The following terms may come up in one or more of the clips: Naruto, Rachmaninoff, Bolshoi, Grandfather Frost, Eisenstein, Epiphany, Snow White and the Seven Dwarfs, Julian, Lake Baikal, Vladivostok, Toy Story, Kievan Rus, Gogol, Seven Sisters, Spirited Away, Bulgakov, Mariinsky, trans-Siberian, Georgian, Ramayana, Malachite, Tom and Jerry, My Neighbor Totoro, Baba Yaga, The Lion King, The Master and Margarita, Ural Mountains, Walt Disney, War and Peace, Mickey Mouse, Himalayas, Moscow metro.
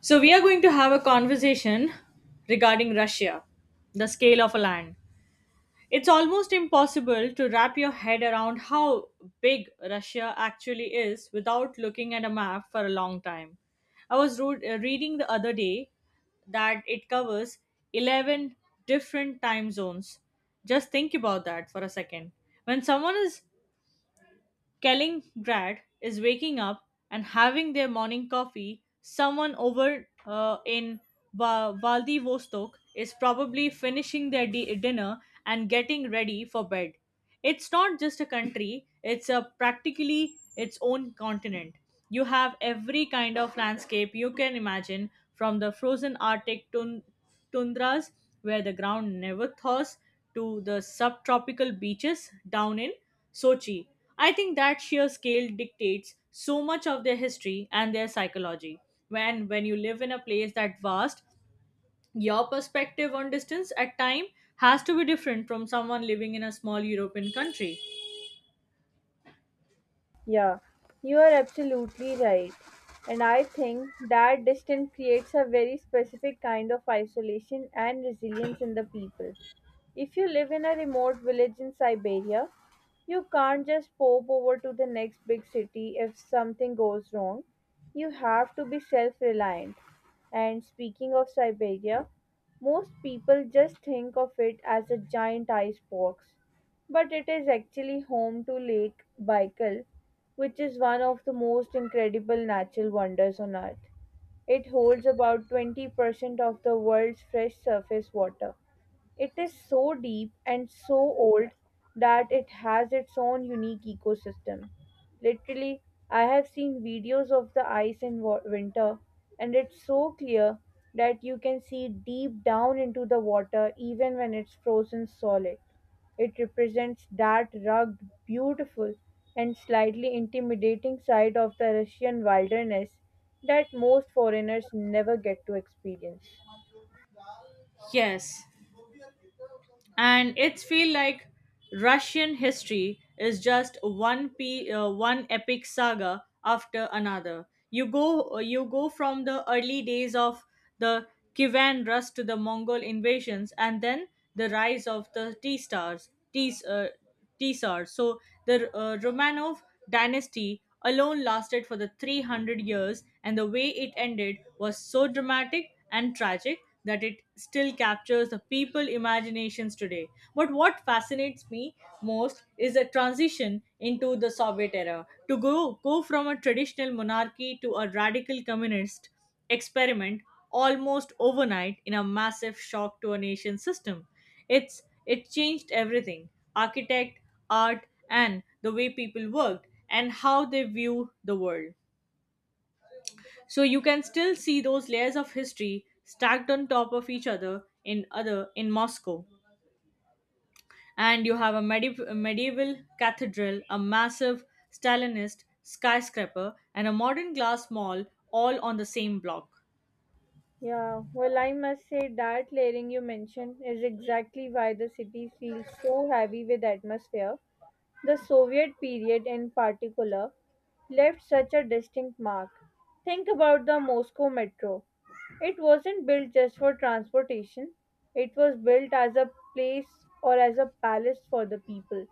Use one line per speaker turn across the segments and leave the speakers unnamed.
So, we are going to have a conversation regarding Russia, the scale of a land. It's almost impossible to wrap your head around how big Russia actually is without looking at a map for a long time. I was reading the other day that it covers 11 different time zones. Just think about that for a second. When someone is Kaliningrad is waking up and having their morning coffee. Someone over in Vladivostok is probably finishing their dinner and getting ready for bed. It's not just a country, it's a practically its own continent. You have every kind of landscape you can imagine from the frozen Arctic tundras where the ground never thaws to the subtropical beaches down in Sochi. I think that sheer scale dictates so much of their history and their psychology. When you live in a place that vast, your perspective on distance at time has to be different from someone living in a small European country.
Yeah, you are absolutely right. And I think that distance creates a very specific kind of isolation and resilience in the people. If you live in a remote village in Siberia, you can't just pop over to the next big city if something goes wrong. You have to be self reliant. And speaking of Siberia, most people just think of it as a giant ice box, but it is actually home to Lake Baikal, which is one of the most incredible natural wonders on Earth. It holds about 20% of the world's fresh surface water. It is so deep and so old that it has its own unique ecosystem. Literally, I have seen videos of the ice in winter, and it's so clear that you can see deep down into the water even when it's frozen solid. It represents that rugged, beautiful, and slightly intimidating side of the Russian wilderness that most foreigners never get to experience.
Yes, and it's feel like Russian history is just one epic saga after another. You go from the early days of the Kievan Rus to the Mongol invasions, and then the rise of the T stars, T Tsar. So the Romanov dynasty alone lasted for the 300 years, and the way it ended was so dramatic and tragic that it still captures the people imaginations today. But what fascinates me most is the transition into the Soviet era. To go from a traditional monarchy to a radical communist experiment almost overnight in a massive shock to a nation system. It changed everything: architect, art, and the way people worked and how they view the world. So you can still see those layers of history stacked on top of each other in Moscow. And you have a medieval cathedral, a massive Stalinist skyscraper, and a modern glass mall all on the same block.
Yeah, well, I must say that layering you mentioned is exactly why the city feels so heavy with atmosphere. The Soviet period, in particular, left such a distinct mark. Think about the Moscow metro. It wasn't built just for transportation, it was built as a place or as a palace for the people.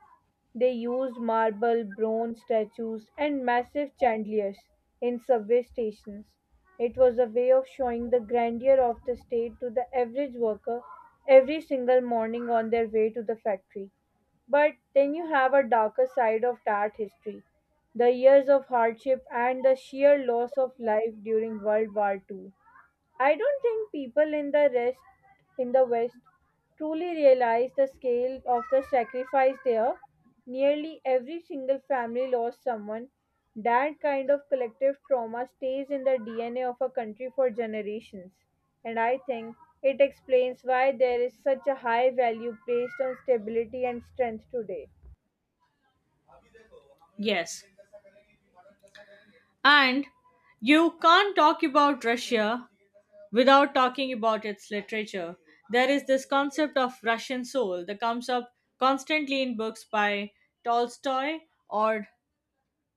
They used marble, bronze statues, and massive chandeliers in subway stations. It was a way of showing the grandeur of the state to the average worker every single morning on their way to the factory. But then you have a darker side of that history, the years of hardship and the sheer loss of life during World War Two. I don't think people in the West truly realize the scale of the sacrifice there. Nearly every single family lost someone. That kind of collective trauma stays in the DNA of a country for generations. And I think it explains why there is such a high value placed on stability and strength today.
Yes. And you can't talk about Russia without talking about its literature. There is this concept of Russian soul that comes up constantly in books by Tolstoy or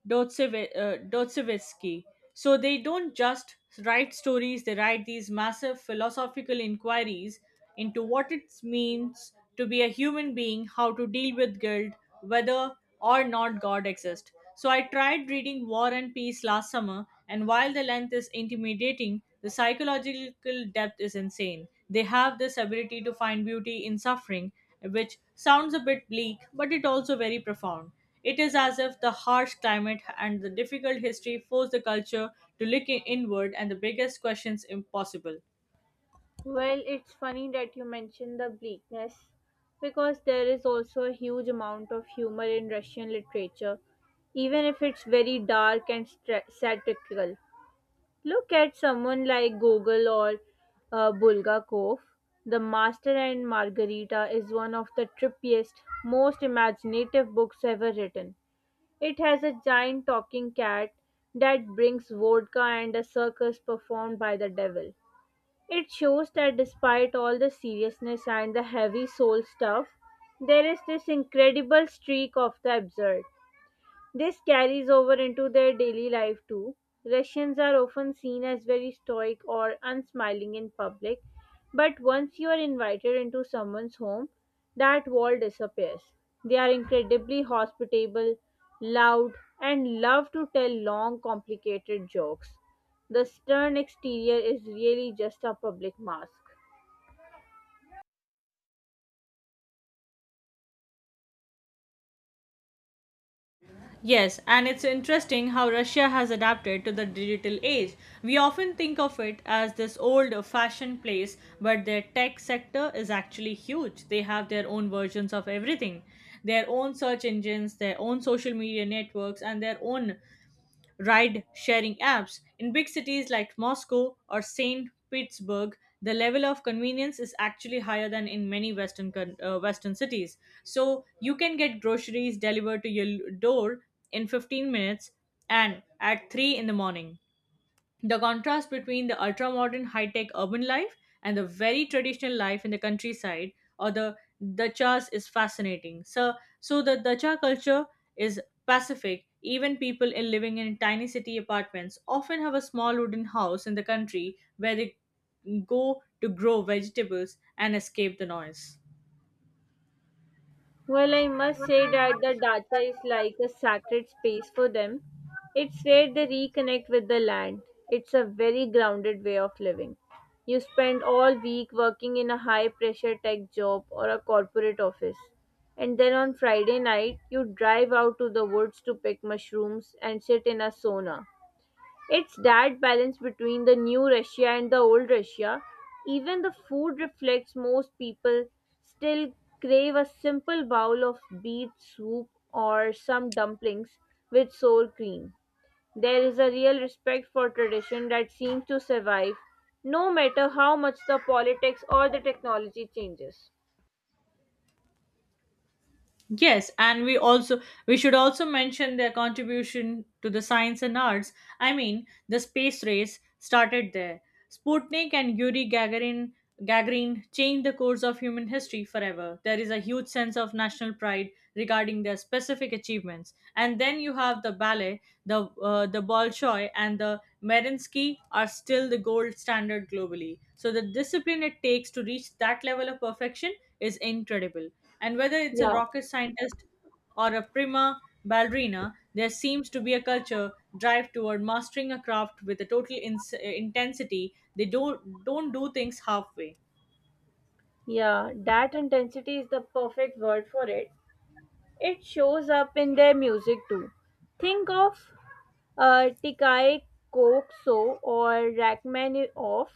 Dostoevsky. So they don't just write stories, they write these massive philosophical inquiries into what it means to be a human being, how to deal with guilt, whether or not God exists. So I tried reading War and Peace last summer, and while the length is intimidating, the psychological depth is insane. They have this ability to find beauty in suffering, which sounds a bit bleak, but it also very profound. It is as if the harsh climate and the difficult history force the culture to look inward and the biggest questions impossible.
Well, it's funny that you mentioned the bleakness because there is also a huge amount of humor in Russian literature, even if it's very dark and satirical. Look at someone like Gogol or Bulgakov. The Master and Margarita is one of the trippiest, most imaginative books ever written. It has a giant talking cat that brings vodka and a circus performed by the devil. It shows that despite all the seriousness and the heavy soul stuff, there is this incredible streak of the absurd. This carries over into their daily life too. Russians are often seen as very stoic or unsmiling in public, but once you are invited into someone's home, that wall disappears. They are incredibly hospitable, loud, and love to tell long, complicated jokes. The stern exterior is really just a public mask.
Yes, and it's interesting how Russia has adapted to the digital age. We often think of it as this old fashioned place, but their tech sector is actually huge. They have their own versions of everything their own search engines, their own social media networks, and their own ride sharing apps. In big cities like Moscow or St. Petersburg, the level of convenience is actually higher than in many Western cities. So you can get groceries delivered to your door in 15 minutes and at 3 in the morning. The contrast between the ultra modern high tech urban life and the very traditional life in the countryside or the dachas is fascinating. So the dacha culture is pacific. Even people in living in tiny city apartments often have a small wooden house in the country where they go to grow vegetables and escape the noise.
Well, I must say that the data is like a sacred space for them. It's where they reconnect with the land. It's a very grounded way of living. You spend all week working in a high pressure tech job or a corporate office. And then on Friday night, you drive out to the woods to pick mushrooms and sit in a sauna. It's that balance between the new Russia and the old Russia. Even the food reflects most people still crave a simple bowl of beet soup or some dumplings with sour cream. There is a real respect for tradition that seems to survive no matter how much the politics or the technology changes.
Yes, and we should also mention their contribution to the science and arts. I mean, the space race started there. Sputnik and Yuri Gagarin changed the course of human history forever. There is a huge sense of national pride regarding their specific achievements. And then you have the ballet, the Bolshoi, and the Mariinsky are still the gold standard globally. So the discipline it takes to reach that level of perfection is incredible and whether it's a
Yeah.
rocket scientist or a prima ballerina, there seems to be a culture drive toward mastering a craft with a total intensity. They don't do things halfway.
Yeah, that intensity is the perfect word for it. It shows up in their music too. Think of Tikal Kokso or Rachmaninoff.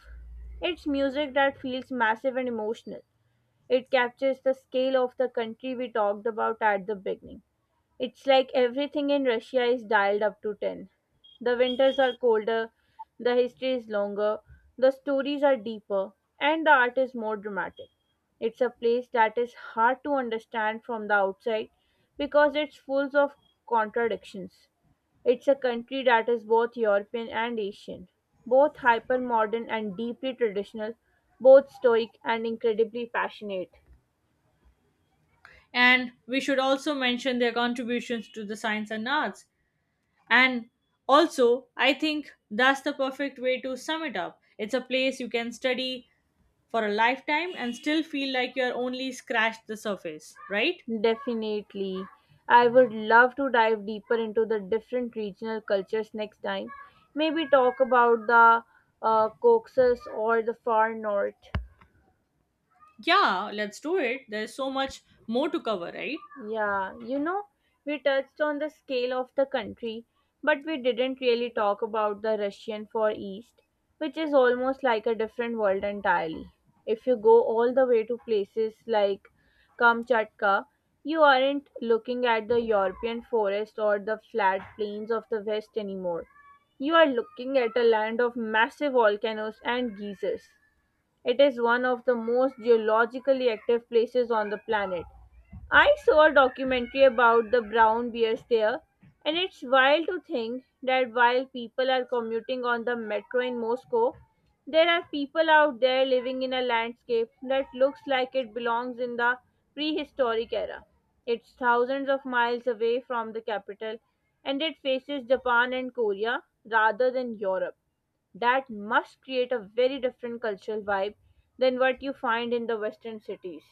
It's music that feels massive and emotional. It captures the scale of the country we talked about at the beginning. It's like everything in Russia is dialed up to 10. The winters are colder, the history is longer, the stories are deeper, and the art is more dramatic. It's a place that is hard to understand from the outside because it's full of contradictions. It's a country that is both European and Asian, both hyper modern and deeply traditional, both stoic and incredibly passionate.
And we should also mention their contributions to the science and arts. And also, I think that's the perfect way to sum it up. It's a place you can study for a lifetime and still feel like you're only scratched the surface, right?
Definitely. I would love to dive deeper into the different regional cultures next time. Maybe talk about the Caucasus or the far north.
Yeah, let's do it. There's so much more to cover, right?
Yeah, you know, we touched on the scale of the country, but we didn't really talk about the Russian Far East, which is almost like a different world entirely. If you go all the way to places like Kamchatka, you aren't looking at the European forest or the flat plains of the West anymore. You are looking at a land of massive volcanoes and geysers. It is one of the most geologically active places on the planet. I saw a documentary about the brown bears there, and it's wild to think that while people are commuting on the metro in Moscow, there are people out there living in a landscape that looks like it belongs in the prehistoric era. It's thousands of miles away from the capital, and it faces Japan and Korea rather than Europe. That must create a very different cultural vibe than what you find in the western cities.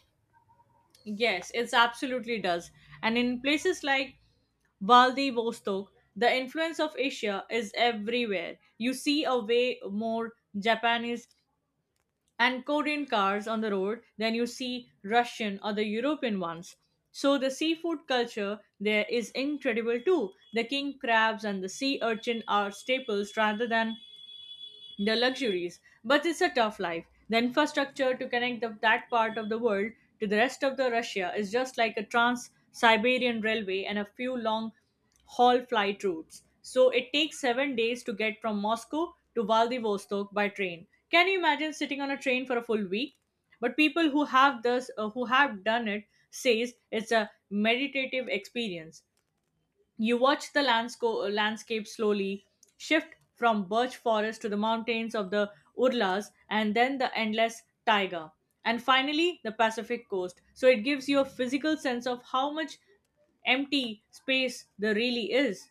Yes, it absolutely does. And in places like Vladivostok, the influence of Asia is everywhere. You see a way more Japanese and Korean cars on the road than you see Russian or the European ones. So the seafood culture there is incredible too. The king crabs and the sea urchin are staples rather than the luxuries, but it's a tough life. The infrastructure to connect that part of the world to the rest of the Russia is just like a trans-Siberian railway and a few long haul flight routes. So it takes 7 days to get from Moscow to Vladivostok by train. Can you imagine sitting on a train for a full week? But people who have this who have done it says it's a meditative experience. You watch the landscape slowly shift from birch forest to the mountains of the Urlas and then the endless taiga and finally the Pacific coast. So it gives you a physical sense of how much empty space there really is.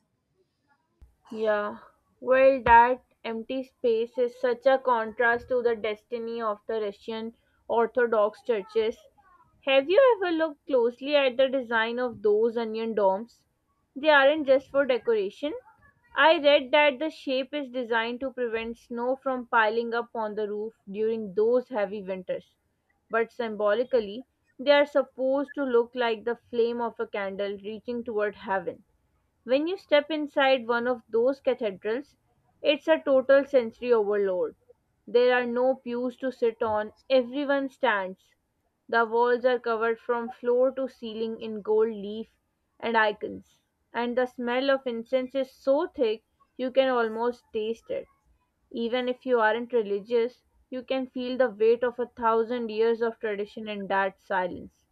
Yeah. Well, that empty space is such a contrast to the destiny of the Russian Orthodox churches. Have you ever looked closely at the design of those onion domes? They aren't just for decoration. I read that the shape is designed to prevent snow from piling up on the roof during those heavy winters. But symbolically, they are supposed to look like the flame of a candle reaching toward heaven. When you step inside one of those cathedrals, it's a total sensory overload. There are no pews to sit on, everyone stands. The walls are covered from floor to ceiling in gold leaf and icons, and the smell of incense is so thick you can almost taste it. Even if you aren't religious, you can feel the weight of a thousand years of tradition in that silence.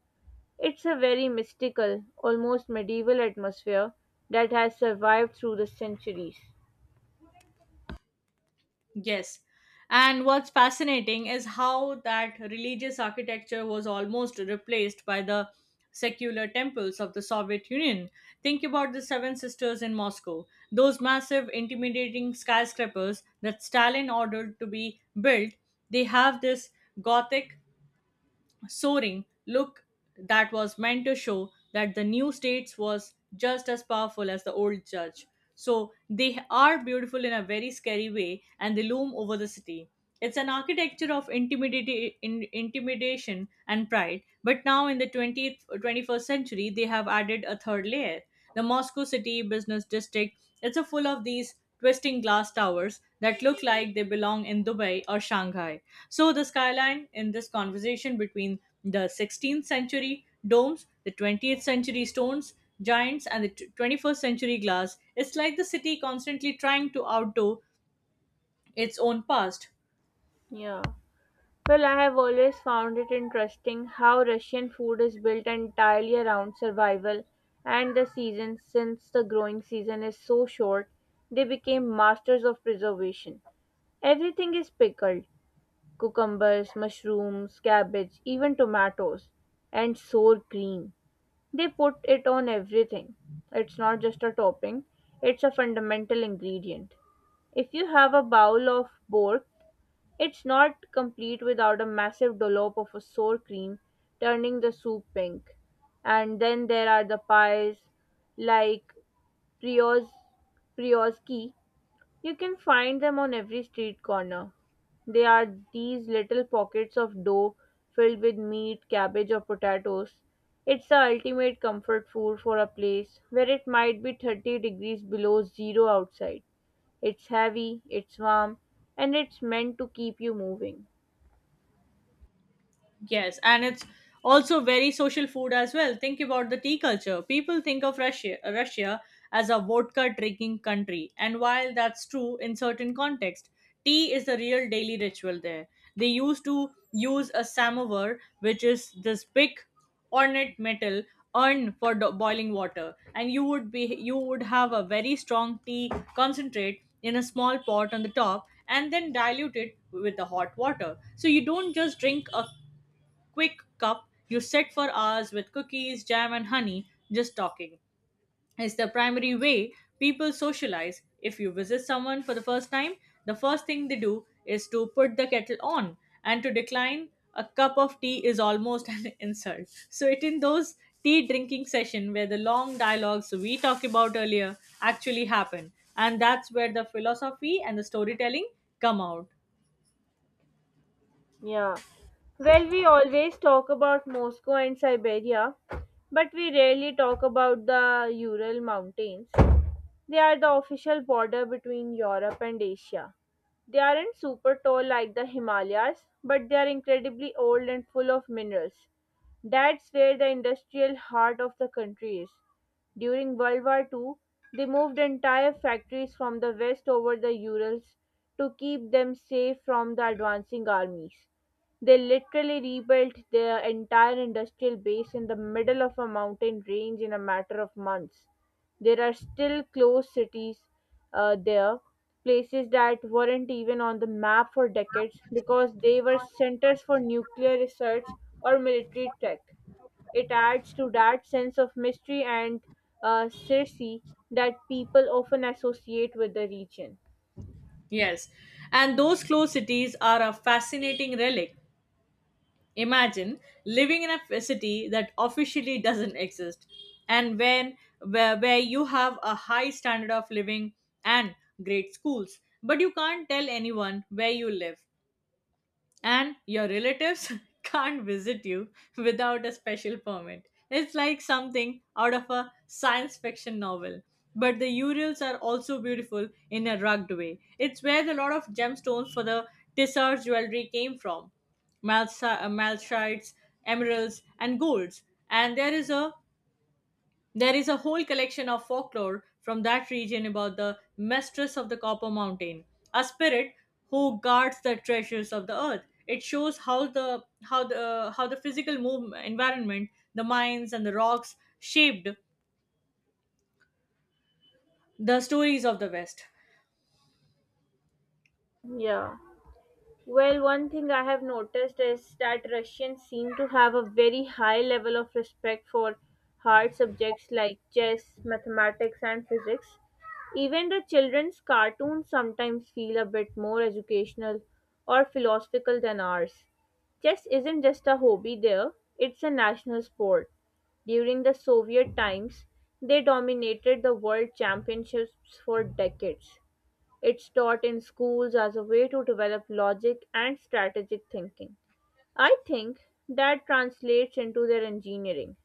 It's a very mystical, almost medieval atmosphere that has survived through the centuries.
Yes. And what's fascinating is how that religious architecture was almost replaced by the secular temples of the Soviet Union. Think about the Seven Sisters in Moscow, those massive, intimidating skyscrapers that Stalin ordered to be built. They have this Gothic soaring look that was meant to show that the new states was just as powerful as the old church. So they are beautiful in a very scary way and they loom over the city. It's an architecture of intimidation and pride, but now in the 20th or 21st century, they have added a third layer. The Moscow City Business District, it's a full of these twisting glass towers that look like they belong in Dubai or Shanghai. So, the skyline in this conversation between the 16th century domes, the 20th century stones, giants, and the 21st century glass is like the city constantly trying to outdo its own past.
Yeah. Well, I have always found it interesting how Russian food is built entirely around survival and the seasons. Since the growing season is so short, they became masters of preservation. Everything is pickled cucumbers, mushrooms, cabbage, even tomatoes, and sour cream. They put it on everything. It's not just a topping, it's a fundamental ingredient. If you have a bowl of borscht, it's not complete without a massive dollop of a sour cream, turning the soup pink. And then there are the pies, like prios, prioski, you can find them on every street corner. They are these little pockets of dough filled with meat, cabbage, or potatoes. It's the ultimate comfort food for a place where it might be 30 degrees below zero outside. It's heavy, it's warm, and it's meant to keep you moving.
Yes, and it's also very social food as well. Think about the tea culture. People think of Russia as a vodka drinking country, and while that's true in certain context, tea is the real daily ritual there. They used to use a samovar, which is this big ornate metal urn for boiling water, and you would have a very strong tea concentrate in a small pot on the top, and then dilute it with the hot water. So you don't just drink a quick cup you sit for hours with cookies, jam, and honey just talking. It's the primary way people socialize. If you visit someone for the first time, the first thing they do is to put the kettle on, and to decline a cup of tea is almost an insult. So, it in those tea drinking session where the long dialogues we talked about earlier actually happen, and that's where the philosophy and the storytelling come out.
Yeah. Well, we always talk about Moscow and Siberia, but we rarely talk about the Ural Mountains. They are the official border between Europe and Asia. They aren't super tall like the Himalayas, but they are incredibly old and full of minerals. That's where the industrial heart of the country is. During World War II, they moved entire factories from the west over the Urals to keep them safe from the advancing armies. They literally rebuilt their entire industrial base in the middle of a mountain range in a matter of months. There are still closed cities there, places that weren't even on the map for decades because they were centers for nuclear research or military tech. It adds to that sense of mystery and secrecy that people often associate with the region.
Yes, and those closed cities are a fascinating relic. Imagine living in a city that officially doesn't exist and where you have a high standard of living and great schools, but you can't tell anyone where you live and your relatives can't visit you without a special permit. It's like something out of a science fiction novel. But the Urals are also beautiful in a rugged way. It's where the lot of gemstones for the Tissot jewelry came from. Malachite, emeralds, and golds. And there is a whole collection of folklore from that region about the mistress of the Copper Mountain, a spirit who guards the treasures of the earth. It shows how the physical move, environment, the mines and the rocks shaped the stories of the West.
Yeah. Well, one thing I have noticed is that Russians seem to have a very high level of respect for hard subjects like chess, mathematics, and physics. Even the children's cartoons sometimes feel a bit more educational or philosophical than ours. Chess isn't just a hobby there, it's a national sport. During the Soviet times, they dominated the world championships for decades. It's taught in schools as a way to develop logic and strategic thinking. I think that translates into their engineering.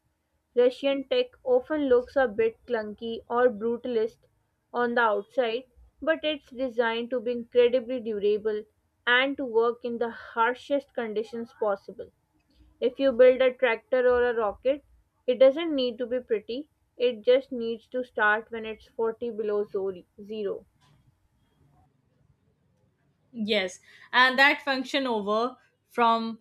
Russian tech often looks a bit clunky or brutalist on the outside, but it's designed to be incredibly durable and to work in the harshest conditions possible. If you build a tractor or a rocket, it doesn't need to be pretty. It just needs to start when it's 40 below zero.
Yes, and that function over from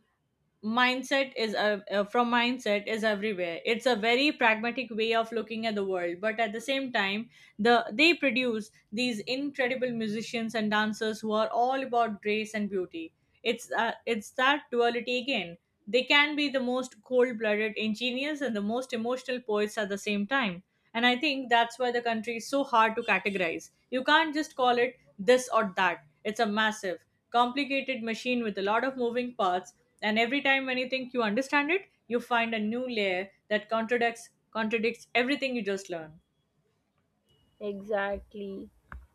mindset is everywhere. It's a very pragmatic way of looking at the world, but at the same time they produce these incredible musicians and dancers who are all about grace and beauty. It's it's that duality again. They can be the most cold-blooded engineers and the most emotional poets at the same time, and I think that's why the country is so hard to categorize. You can't just call it this or that. It's a massive complicated machine with a lot of moving parts, and every time when you think you understand it, you find a new layer that contradicts everything you just learned.
Exactly.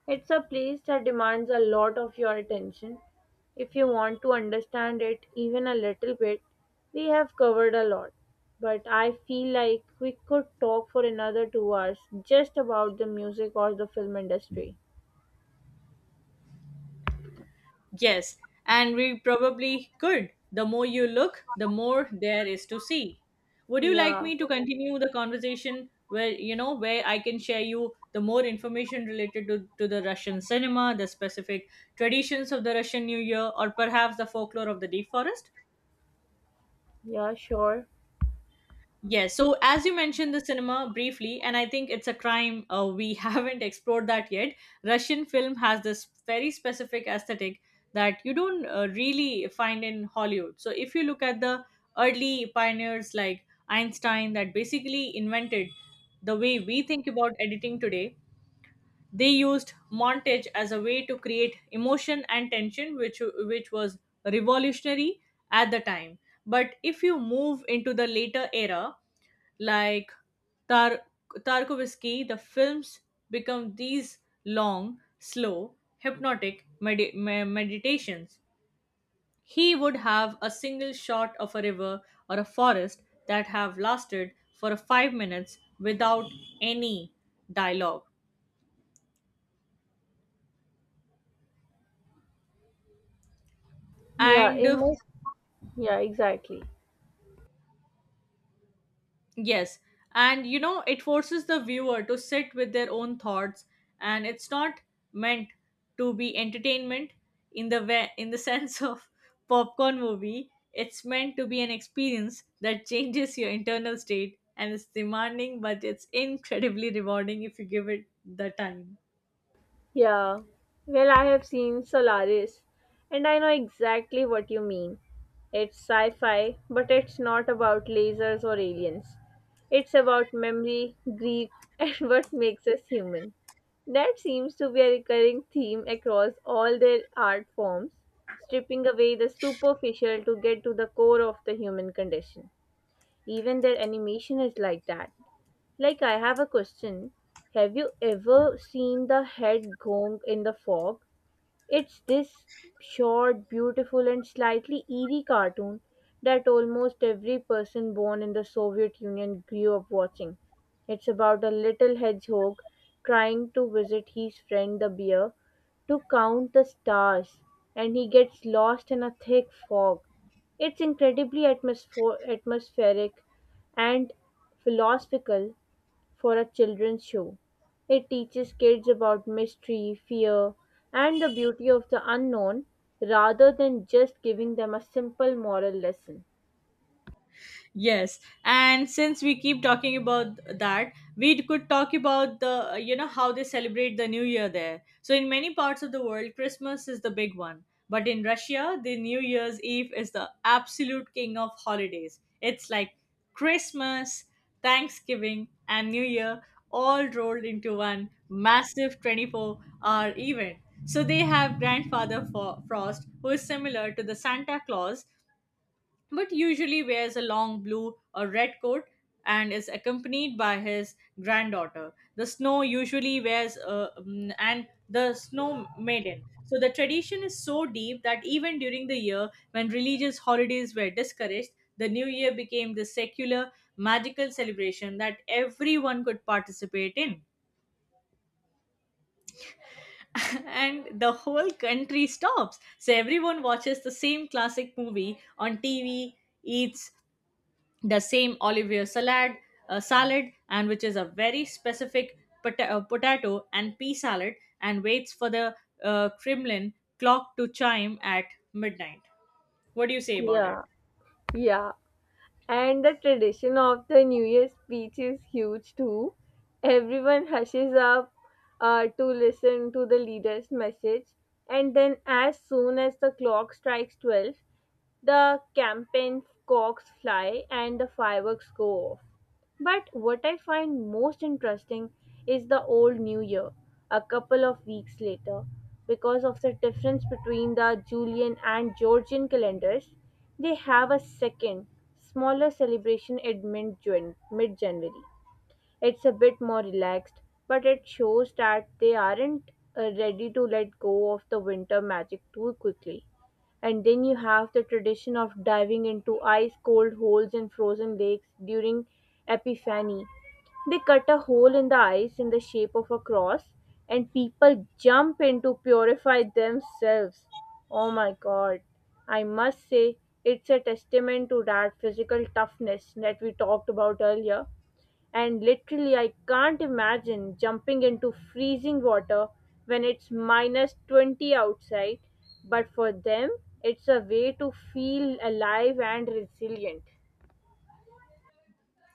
It's a place that demands a lot of your attention. If you want to understand it even a little bit, we have covered a lot. But I feel like we could talk for another 2 hours just about the music or the film industry.
Yes, and we probably could. The more you look, the more there is to see. Would you like
Yeah,
me to continue the conversation where, you know, where I can share you the more information related to the Russian cinema, the specific traditions of the Russian New Year, or perhaps the folklore of the deep forest?
yeah, sure.
Yes. So, as you mentioned the cinema briefly, and I think it's a crime, we haven't explored that yet. Russian film has this very specific aesthetic that you don't really find in Hollywood. So, if you look at the early pioneers like Einstein, that basically invented the way we think about editing today, they used montage as a way to create emotion and tension, which was revolutionary at the time. But if you move into the later era, like Tar- Tarkovsky, the films become these long, slow, hypnotic meditations. He would have a single shot of a river or a forest that have lasted for 5 minutes without any dialogue.
Yeah,
And
it must. Yeah, exactly.
Yes, and you know, it forces the viewer to sit with their own thoughts, and it's not meant to be entertainment in the way, in the sense of popcorn movie. It's meant to be an experience that changes your internal state, and it's demanding, but it's incredibly rewarding if you give it the time.
Yeah, well, I have seen Solaris, and I know exactly what you mean. It's sci fi, but it's not about lasers or aliens. It's about memory, grief, and what makes us human. That seems to be a recurring theme across all their art forms, stripping away the superficial to get to the core of the human condition. Even their animation is like that. Like, I have a question. Have you ever seen the head gong in the fog? It's this short, beautiful, and slightly eerie cartoon that almost every person born in the Soviet Union grew up watching. It's about a little hedgehog trying to visit his friend the bear to count the stars, and he gets lost in a thick fog. It's incredibly atmospheric and philosophical for a children's show. It teaches kids about mystery, fear, and the beauty of the unknown rather than just giving them a simple moral lesson.
Yes, and since we keep talking about that, we could talk about the, you know, how they celebrate the new year there. So in many parts of the world, Christmas is the big one, but in Russia, the New Year's Eve is the absolute king of holidays. It's like Christmas, Thanksgiving, and New Year all rolled into one massive 24-hour event. So they have grandfather Frost, who is similar to the Santa Claus, but usually wears a long blue or red coat and is accompanied by his granddaughter. The snow usually wears mm, and the snow maiden. So the tradition is so deep that even during the year when religious holidays were discouraged, the new year became the secular magical celebration that everyone could participate in. And the whole country stops. So everyone watches the same classic movie on TV, eats the same Olivier salad, salad, and which is a very specific potato and pea salad, and waits for the Kremlin clock to chime at midnight. What do you say about it?
Yeah, yeah. And the tradition of the New Year speech is huge too. Everyone hushes up to listen to the leader's message, and then, as soon as the clock strikes 12, the campaign cocks fly and the fireworks go off. But what I find most interesting is the old New Year, a couple of weeks later. Because of the difference between the Julian and Georgian calendars, they have a second, smaller celebration at mid January. It's a bit more relaxed, but it shows that they aren't ready to let go of the winter magic too quickly. And then you have the tradition of diving into ice cold holes in frozen lakes during Epiphany. They cut a hole in the ice in the shape of a cross, and people jump in to purify themselves. Oh my god. I must say, it's a testament to that physical toughness that we talked about earlier, and literally, I can't imagine jumping into freezing water when it's minus 20 outside. But for them, it's a way to feel alive and resilient.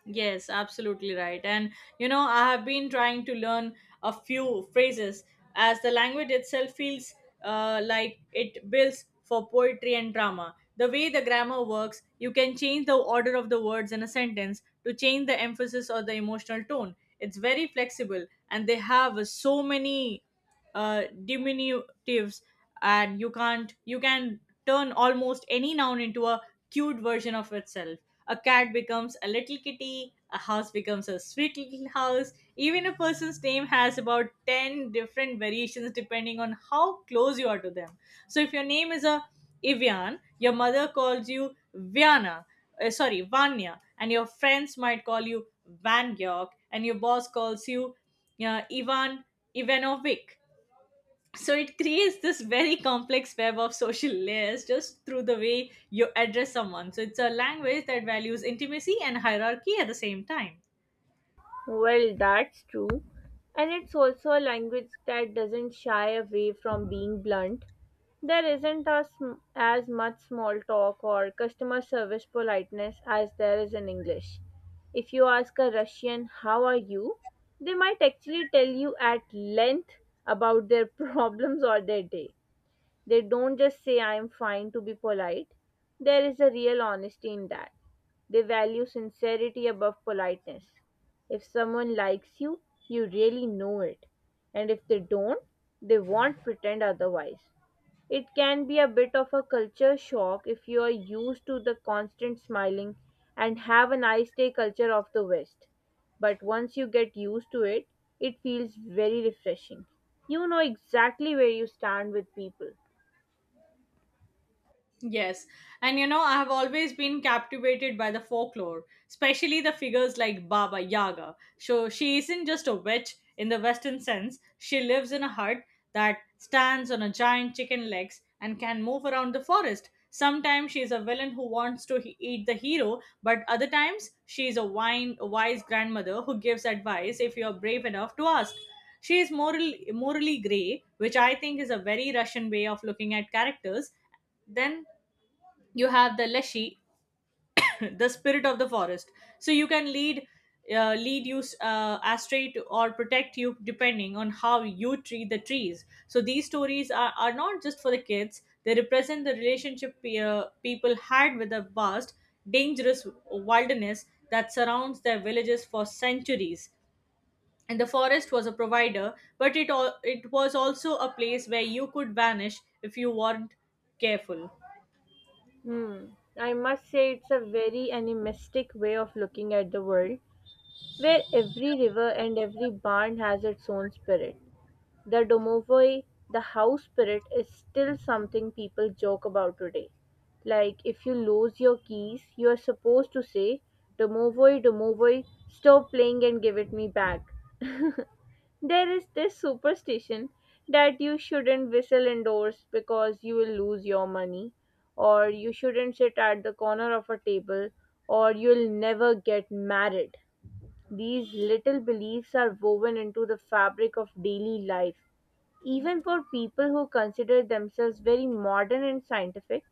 Yes, absolutely right. And you know, I have been trying to learn a few phrases, as the language itself feels like it builds for poetry and drama. The way the grammar works, you can change the order of the words in a sentence to change the emphasis or the emotional tone. It's very flexible, and they have so many diminutives, and you can't you can turn almost any noun into a cute version of itself. A cat becomes a little kitty, a house becomes a sweet little house. Even a person's name has about 10 different variations depending on how close you are to them. So if your name is a ivian, your mother calls you viana, sorry vanya, and your friends might call you van york, and your boss calls you ivan ivanovic. So it creates this very complex web of social layers just through the way you address someone. So it's a language that values intimacy and hierarchy at the same time.
Well, that's true. And it's also a language that doesn't shy away from being blunt. There isn't as much small talk or customer service politeness as there is in English. If you ask a Russian, "How are you?" they might actually tell you at length about their problems or their day. They don't just say I'm fine to be polite. There is a real honesty in that. They value sincerity above politeness. If someone likes you, you really know it. And if they don't, they won't pretend otherwise. It can be a bit of a culture shock if you are used to the constant smiling and have a nice day culture of the West. But once you get used to it, it feels very refreshing. You know exactly where you stand with people.
Yes, and you know, I have always been captivated by the folklore, especially the figures like Baba Yaga. So she isn't just a witch in the Western sense, she lives in a hut that stands on a giant chicken legs and can move around the forest. Sometimes she is a villain who wants to eat the hero, but other times she is a wise grandmother who gives advice if you are brave enough to ask. She is morally grey, which I think is a very Russian way of looking at characters. Then you have the leshi, the spirit of the forest. So you can lead you astray to, or protect you, depending on how you treat the trees. So these stories are not just for the kids. They represent the relationship people had with the vast dangerous wilderness that surrounds their villages for centuries, and the forest was a provider, but it was also a place where you could vanish if you weren't careful.
Hmm. I must say it's a very animistic way of looking at the world, where every river and every barn has its own spirit. The domovoi, the house spirit, is still something people joke about today. Like if you lose your keys, you are supposed to say, "Domovoi, domovoi, stop playing and give it me back." There is this superstition that you shouldn't whistle indoors because you will lose your money, or you shouldn't sit at the corner of a table, or you'll never get married. These little beliefs are woven into the fabric of daily life. Even for people who consider themselves very modern and scientific,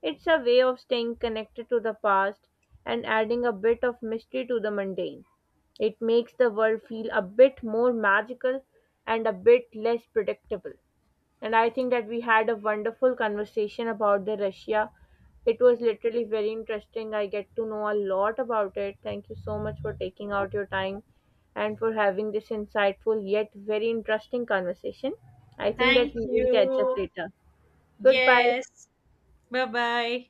it's a way of staying connected to the past and adding a bit of mystery to the mundane. It makes the world feel a bit more magical and a bit less predictable. And I think that we had a wonderful conversation about the Russia. It was literally very interesting. I get to know a lot about it. Thank you so much for taking out your time and for having this insightful yet very interesting conversation. I think that
Thank
we will catch up
you.
later. Goodbye.
Yes. Bye bye.